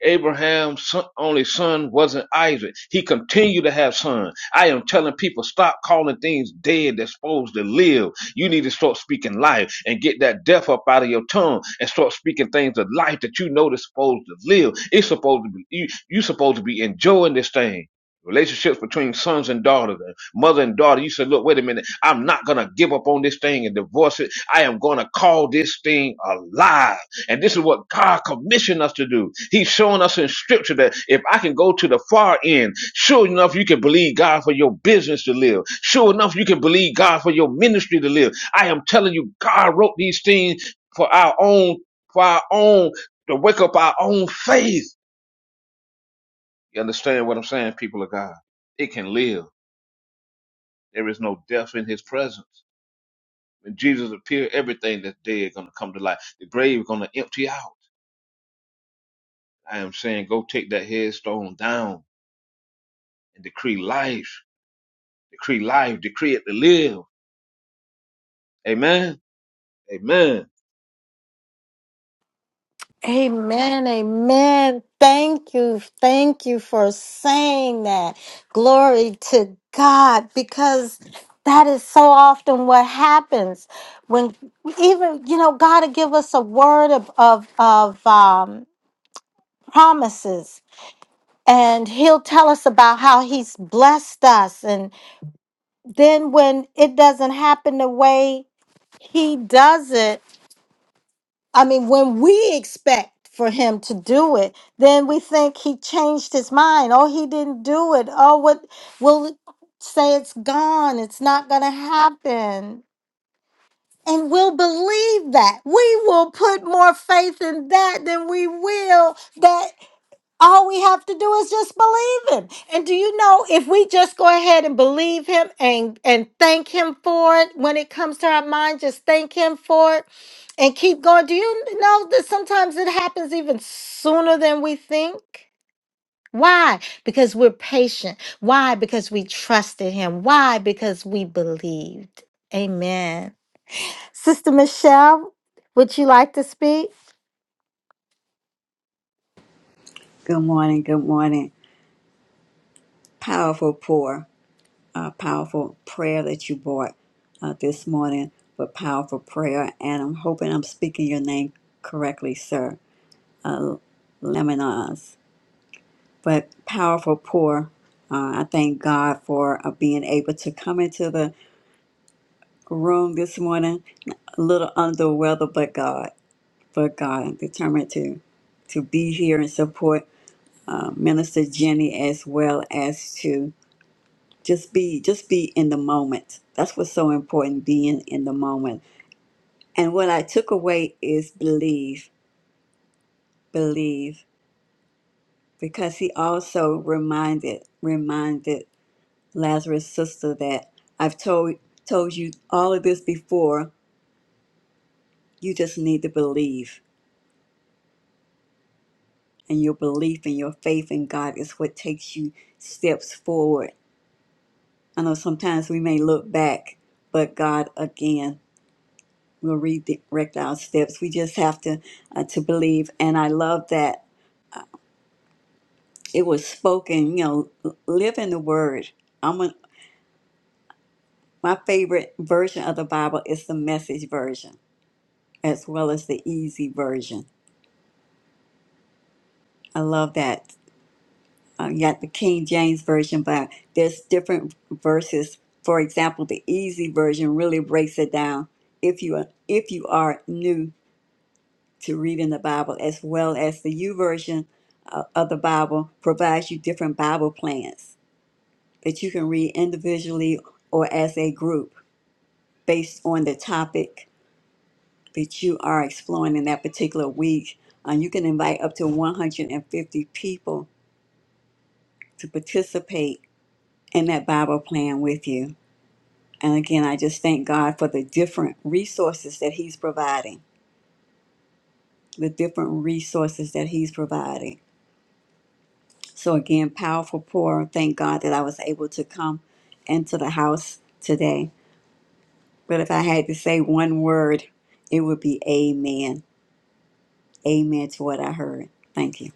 Speaker 3: Abraham's son, only son wasn't Isaac. He continued to have sons. I am telling people, stop calling things dead that's supposed to live. You need to start speaking life and get that death up out of your tongue and start speaking things of life that you know that's supposed to live. It's supposed to be, you, you supposed to be enjoying this thing relationships between sons and daughters and mother and daughter you said look wait a minute i'm not gonna give up on this thing and divorce it i am gonna call this thing alive and this is what god commissioned us to do he's showing us in scripture that if i can go to the far end sure enough you can believe god for your business to live sure enough you can believe god for your ministry to live i am telling you god wrote these things for our own for our own to wake up our own faith you understand what i'm saying people of god it can live there is no death in his presence. When Jesus appeared, everything that's dead is going to come to life. The grave is going to empty out. I am saying, go take that headstone down and decree life, decree life, decree it to live. Amen. Amen.
Speaker 1: Amen, amen. Thank you, thank you for saying that. Glory to God, because that is so often what happens when even you know God will give us a word of of, of um, promises, and He'll tell us about how He's blessed us, and then when it doesn't happen the way He does it I mean, when we expect for him to do it, then we think he changed his mind. Oh, he didn't do it. Oh, what we'll say it's gone. It's not going to happen. And we'll believe that. We will put more faith in that than we will that all we have to do is just believe him. And do you know if we just go ahead and believe him and and thank him for it when it comes to our mind, just thank him for it and keep going. Do you know that sometimes it happens even sooner than we think? Why? Because we're patient. Why? Because we trusted him. Why? Because we believed. Amen. Sister Michelle, would you like to speak?
Speaker 4: Good morning. Good morning. Powerful pour, uh, powerful prayer that you brought uh, this morning, but powerful prayer. And I'm hoping I'm speaking your name correctly, sir. Lemonas. But powerful pour. Uh, I thank God for uh, being able to come into the room this morning, a little under the weather, but God, but God, I'm determined to to be here and support uh, Minister Jenny as well as to. just be just be in the moment that's what's so important being in the moment and what i took away is believe believe because he also reminded reminded lazarus sister that i've told told you all of this before you just need to believe and your belief and your faith in god is what takes you steps forward i know sometimes we may look back but god again we will redirect our steps. We just have to uh, to believe. And I love that it was spoken. You know, l- live in the Word. I'm a, my favorite version of the Bible is the Message version, as well as the Easy version. I love that. Uh, You got the King James version, but there's different verses. For example, the Easy version really breaks it down. If you are, if you are new to read in the Bible, as well as the U version uh, of the Bible provides you different Bible plans that you can read individually or as a group based on the topic that you are exploring in that particular week. Uh, you can invite up to 150 people to participate in that Bible plan with you. And again, I just thank God for the different resources that He's providing, the different resources that He's providing So again, powerful pour. Thank God that I was able to come into the house today. But if I had to say one word, it would be amen. Amen to what I heard. Thank you.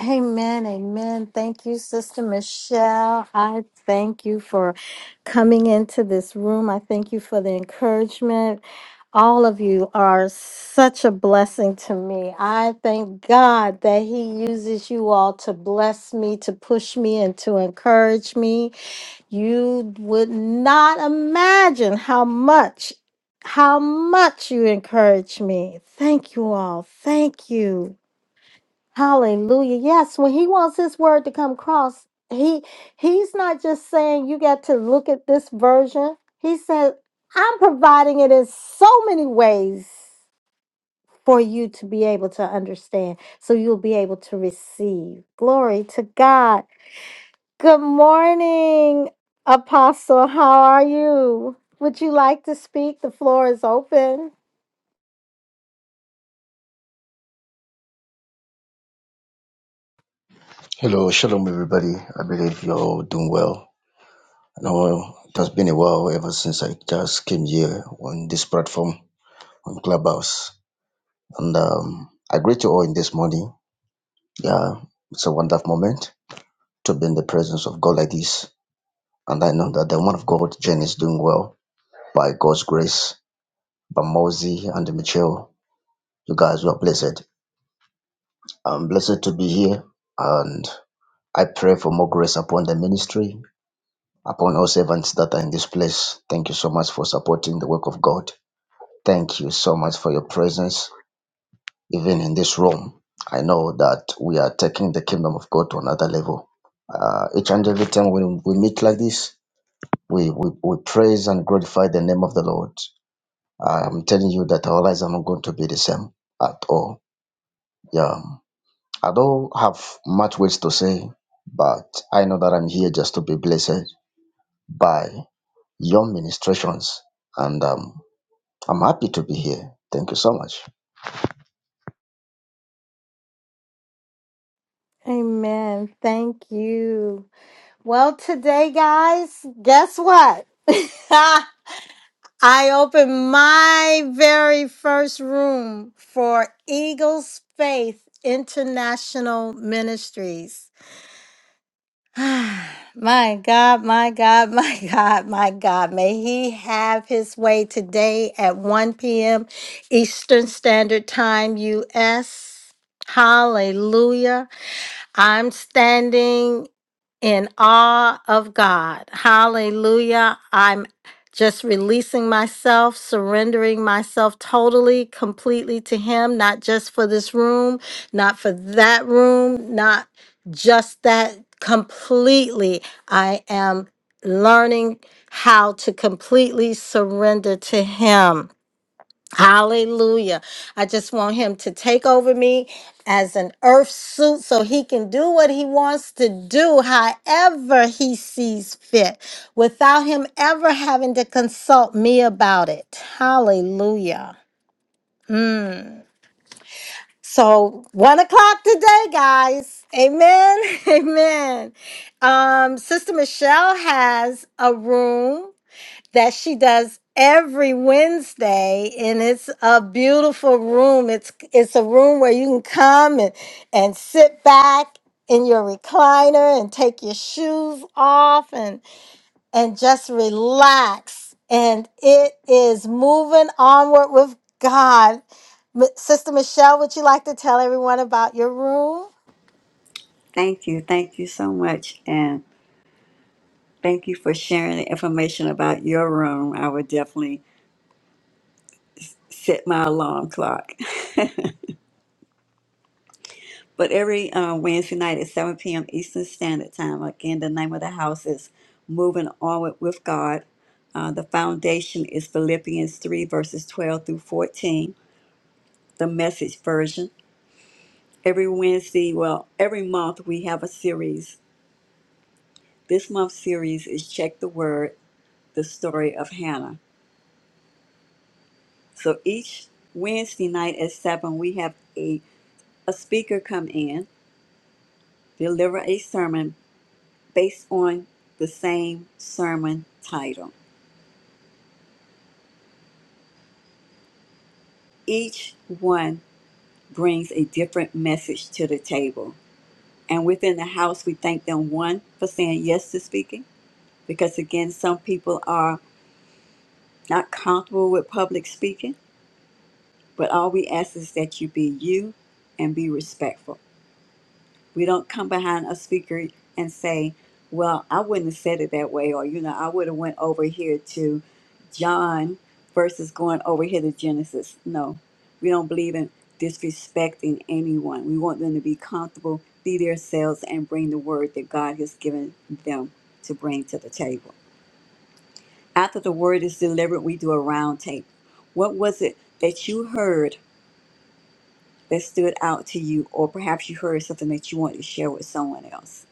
Speaker 1: Amen, amen. Thank you, Sister Michelle. I thank you for coming into this room. I thank you for the encouragement. All of you are such a blessing to me. I thank God that He uses you all to bless me, to push me, and to encourage me. You would not imagine how much, how much you encourage me. Thank you all. Thank you. Hallelujah. Yes, when he wants his word to come across, he he's not just saying you got to look at this version. He said, I'm providing it in so many ways for you to be able to understand. So you'll be able to receive. Glory to God. Good morning, Apostle. How are you? Would you like to speak? The floor is open.
Speaker 5: Hello, shalom everybody. I believe you're all doing well. I know it has been a while ever since I just came here on this platform on Clubhouse. And um, I greet you all in this morning. Yeah, it's a wonderful moment to be in the presence of God like this. And I know that the one of God, Jen, is doing well by God's grace. By Mozi and Michelle, you guys were blessed. I'm blessed to be here and I pray for more grace upon the ministry upon all servants that are in this place. Thank you so much for supporting the work of God. Thank you so much for your presence, even in this room. I know that we are taking the kingdom of God to another level. Uh, each and every time we, we meet like this, we, we, we praise and glorify the name of the Lord. I'm telling you that our lives are not going to be the same at all. Yeah. I don't have much words to say, but I know that I'm here just to be blessed by your ministrations. And um, I'm happy to be here. Thank you so much.
Speaker 1: Amen. Thank you. Well, today, guys, guess what? <laughs> I opened my very first room for Eagles Faith International Ministries. <sighs> my God, my God, <laughs> my God, my God. May He have His way today at 1 p.m. Eastern Standard Time, U.S. Hallelujah. I'm standing in awe of God. Hallelujah. I'm just releasing myself, surrendering myself totally, completely to Him, not just for this room, not for that room, not just that. Completely. I am learning how to completely surrender to Him. Hallelujah. I just want him to take over me as an earth suit so he can do what he wants to do however he sees fit without him ever having to consult me about it. Hallelujah. Mm. So one o'clock today, guys. Amen. <laughs> Amen. Um, Sister Michelle has a room that she does every Wednesday and it's a beautiful room. It's it's a room where you can come and, and sit back in your recliner and take your shoes off and and just relax. And it is moving onward with God. M- Sister Michelle, would you like to tell everyone about your room?
Speaker 4: Thank you. Thank you so much. And thank you for sharing the information about your room. I would definitely set my alarm clock. <laughs> But every uh, Wednesday night at 7 p.m. Eastern Standard Time. Again, the name of the house is Moving Onward with God. Uh, the foundation is Philippians 3, verses 12 through 14, the message version. Every Wednesday, well, every month we have a series. This month's series is Check the Word, the story of Hannah. So each Wednesday night at 7, we have a, a speaker come in, deliver a sermon based on the same sermon title. Each one brings a different message to the table. And within the house, we thank them one for saying yes to speaking, because again, some people are not comfortable with public speaking, but all we ask is that you be you and be respectful. We don't come behind a speaker and say, "Well, I wouldn't have said it that way," or you know, "I would have went over here to John versus going over here to Genesis." No, we don't believe in disrespecting anyone. We want them to be comfortable, be themselves, and bring the word that God has given them to bring to the table. After the word is delivered, we do a round table. What was it that you heard? that stood out to you, or perhaps you heard something that you wanted to share with someone else.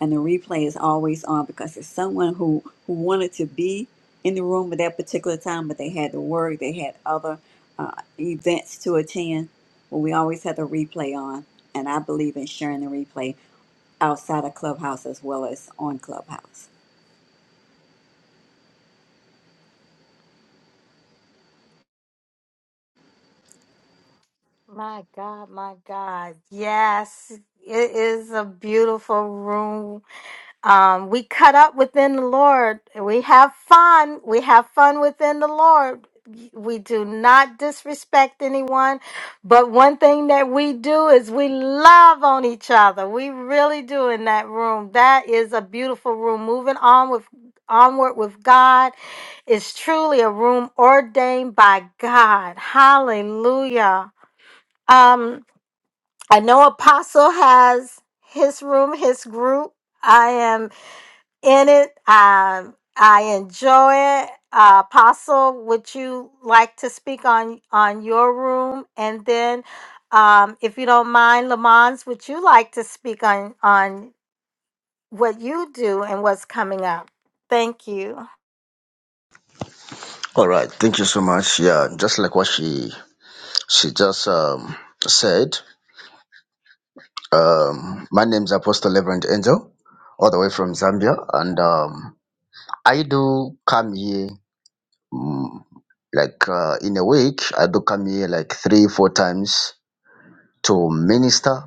Speaker 4: And the replay is always on because it's someone who, who wanted to be in the room at that particular time, but they had to work, they had other uh, events to attend. Well, we always have the replay on, and I believe in sharing the replay outside of Clubhouse as well as on Clubhouse.
Speaker 1: My God, my God. Yes, it is a beautiful room um, we cut up within the Lord. We have fun. We have fun within the Lord. We do not disrespect anyone. But one thing that we do is we love on each other. We really do in that room. That is a beautiful room. Moving on with onward with God is truly a room ordained by God. Hallelujah. Um, I know Apostle has his room, his group. I am in it. Um, I enjoy it. Uh, Apostle, would you like to speak on on your room? And then, um, if you don't mind, Lamons, would you like to speak on on what you do and what's coming up? Thank you,
Speaker 5: All right. Thank you so much. Yeah, just like what she she just um, said. Um, my name is Apostle Reverend Angel, all the way from Zambia, and um, I do come here mm, like uh, in a week. I do come here like three, four times to minister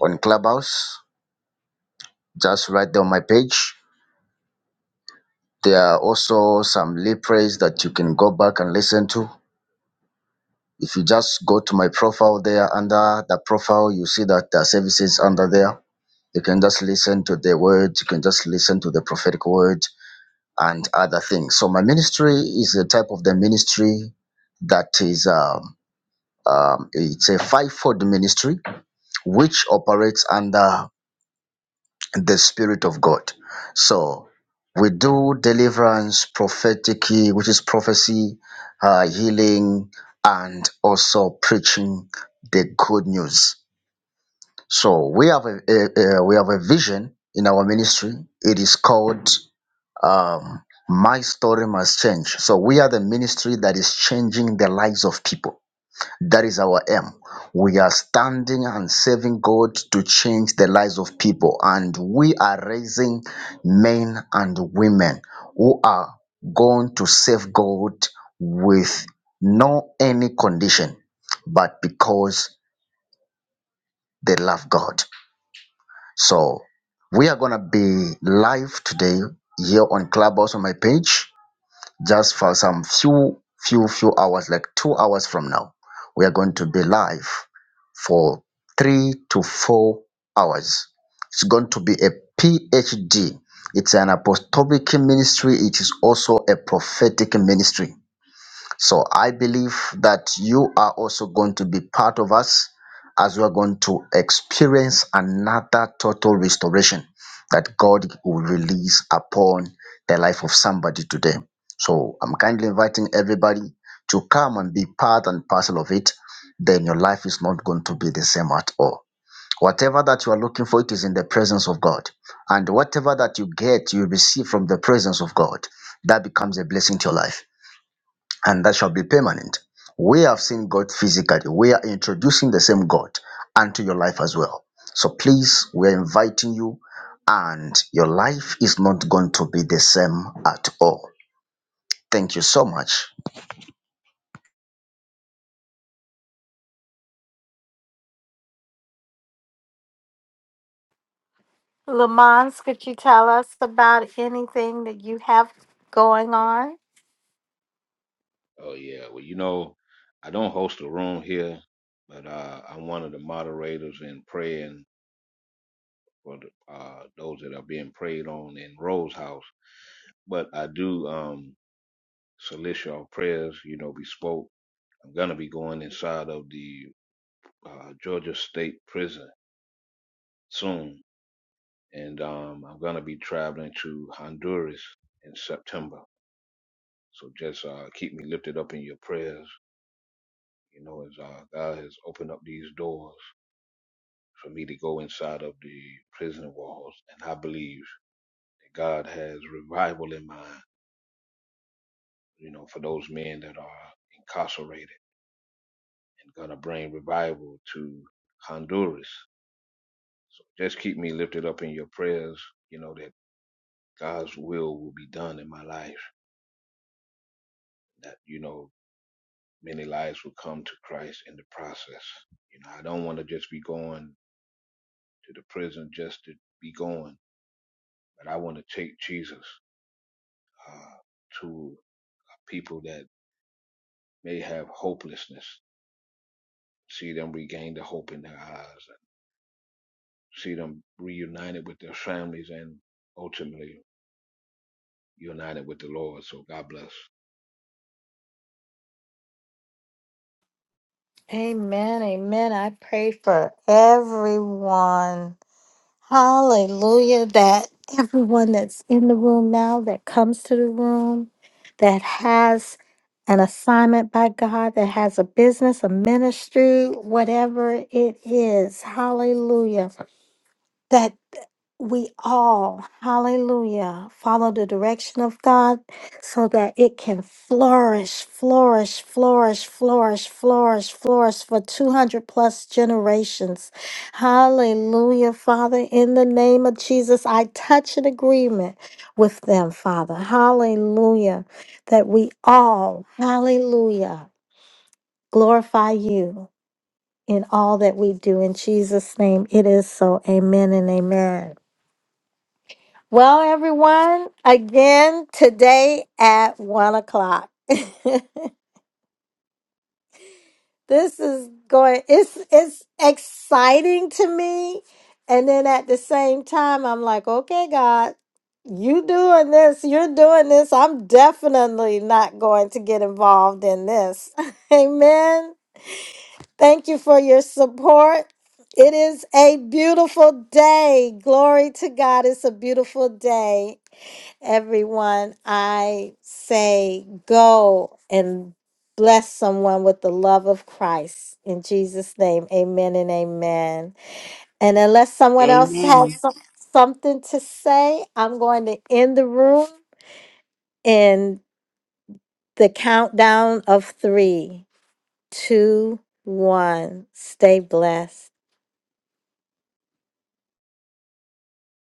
Speaker 5: on Clubhouse. Just right there on my page. There are also some lip praise that you can go back and listen to If you just go to my profile there, under the profile, you see that the services under there. You can just listen to the word, you can just listen to the prophetic word and other things. So, my ministry is the type of the ministry that is, um, um, it's a fivefold ministry which operates under the Spirit of God. So we do deliverance, prophetic, which is prophecy, uh, healing, and also preaching the good news. So we have a, a, a we have a vision in our ministry. It is called um, "My Story Must Change." So we are the ministry that is changing the lives of people. That is our aim. We are standing and serving God to change the lives of people, and we are raising men and women who are going to serve God with no any condition, but because they love God. So we are gonna be live today here on Clubhouse on my page just for some few, few, few hours, like two hours from now, we are going to be live for three to four hours. It's going to be a PhD. It's an apostolic ministry. It is also a prophetic ministry. So I believe that you are also going to be part of us as we are going to experience another total restoration that God will release upon the life of somebody today. So I'm kindly inviting everybody to come and be part and parcel of it. Then your life is not going to be the same at all. Whatever that you are looking for, it is in the presence of God. And whatever that you get, you receive from the presence of God. That becomes a blessing to your life and that shall be permanent. We have seen God physically. We are introducing the same God unto your life as well. So please, we're inviting you, and your life is not going to be the same at all. Thank you so much
Speaker 1: Lamons. Could you tell us about anything that you have going on?
Speaker 3: Oh, yeah. Well, you know, I don't host a room here, but uh, I'm one of the moderators in praying for the, uh, those that are being prayed on in Rose House. But I do um, solicit your prayers. You know, we spoke. I'm gonna be going inside of the uh, Georgia State Prison soon, and um, I'm gonna be traveling to Honduras in September. So just uh, keep me lifted up in your prayers. You know, as uh, God has opened up these doors for me to go inside of the prison walls, and I believe that God has revival in mind. You know, for those men that are incarcerated, and gonna bring revival to Honduras. So just keep me lifted up in your prayers. You know that God's will will be done in my life. That you know, many lives will come to Christ in the process. You know, I don't want to just be going to the prison just to be going, but I want to take Jesus uh, to people that may have hopelessness, see them regain the hope in their eyes, see them reunited with their families, and ultimately united with the Lord. So God bless.
Speaker 1: Amen. Amen. I pray for everyone. Hallelujah. That everyone that's in the room now, that comes to the room, that has an assignment by God, that has a business, a ministry, whatever it is. Hallelujah that we all, hallelujah, follow the direction of God so that it can flourish, flourish, flourish, flourish, flourish, flourish for 200 plus generations. Hallelujah, Father. In the name of Jesus, I touch an agreement with them, Father. Hallelujah. That we all, hallelujah, glorify you in all that we do. In Jesus' name, it is so. Amen and amen. Well, everyone, again today at one o'clock. <laughs> this is going. It's it's exciting to me, and then at the same time, I'm like, okay, God, you doing this? You're doing this. I'm definitely not going to get involved in this. <laughs> Amen. Thank you for your support. It is a beautiful day. Glory to God. It's a beautiful day. everyone, I say go and bless someone with the love of Christ. In Jesus' name, amen and amen. And unless someone else
Speaker 4: Amen.
Speaker 1: has some, something to say, I'm going to end the room in the countdown of three, two, one. Stay blessed.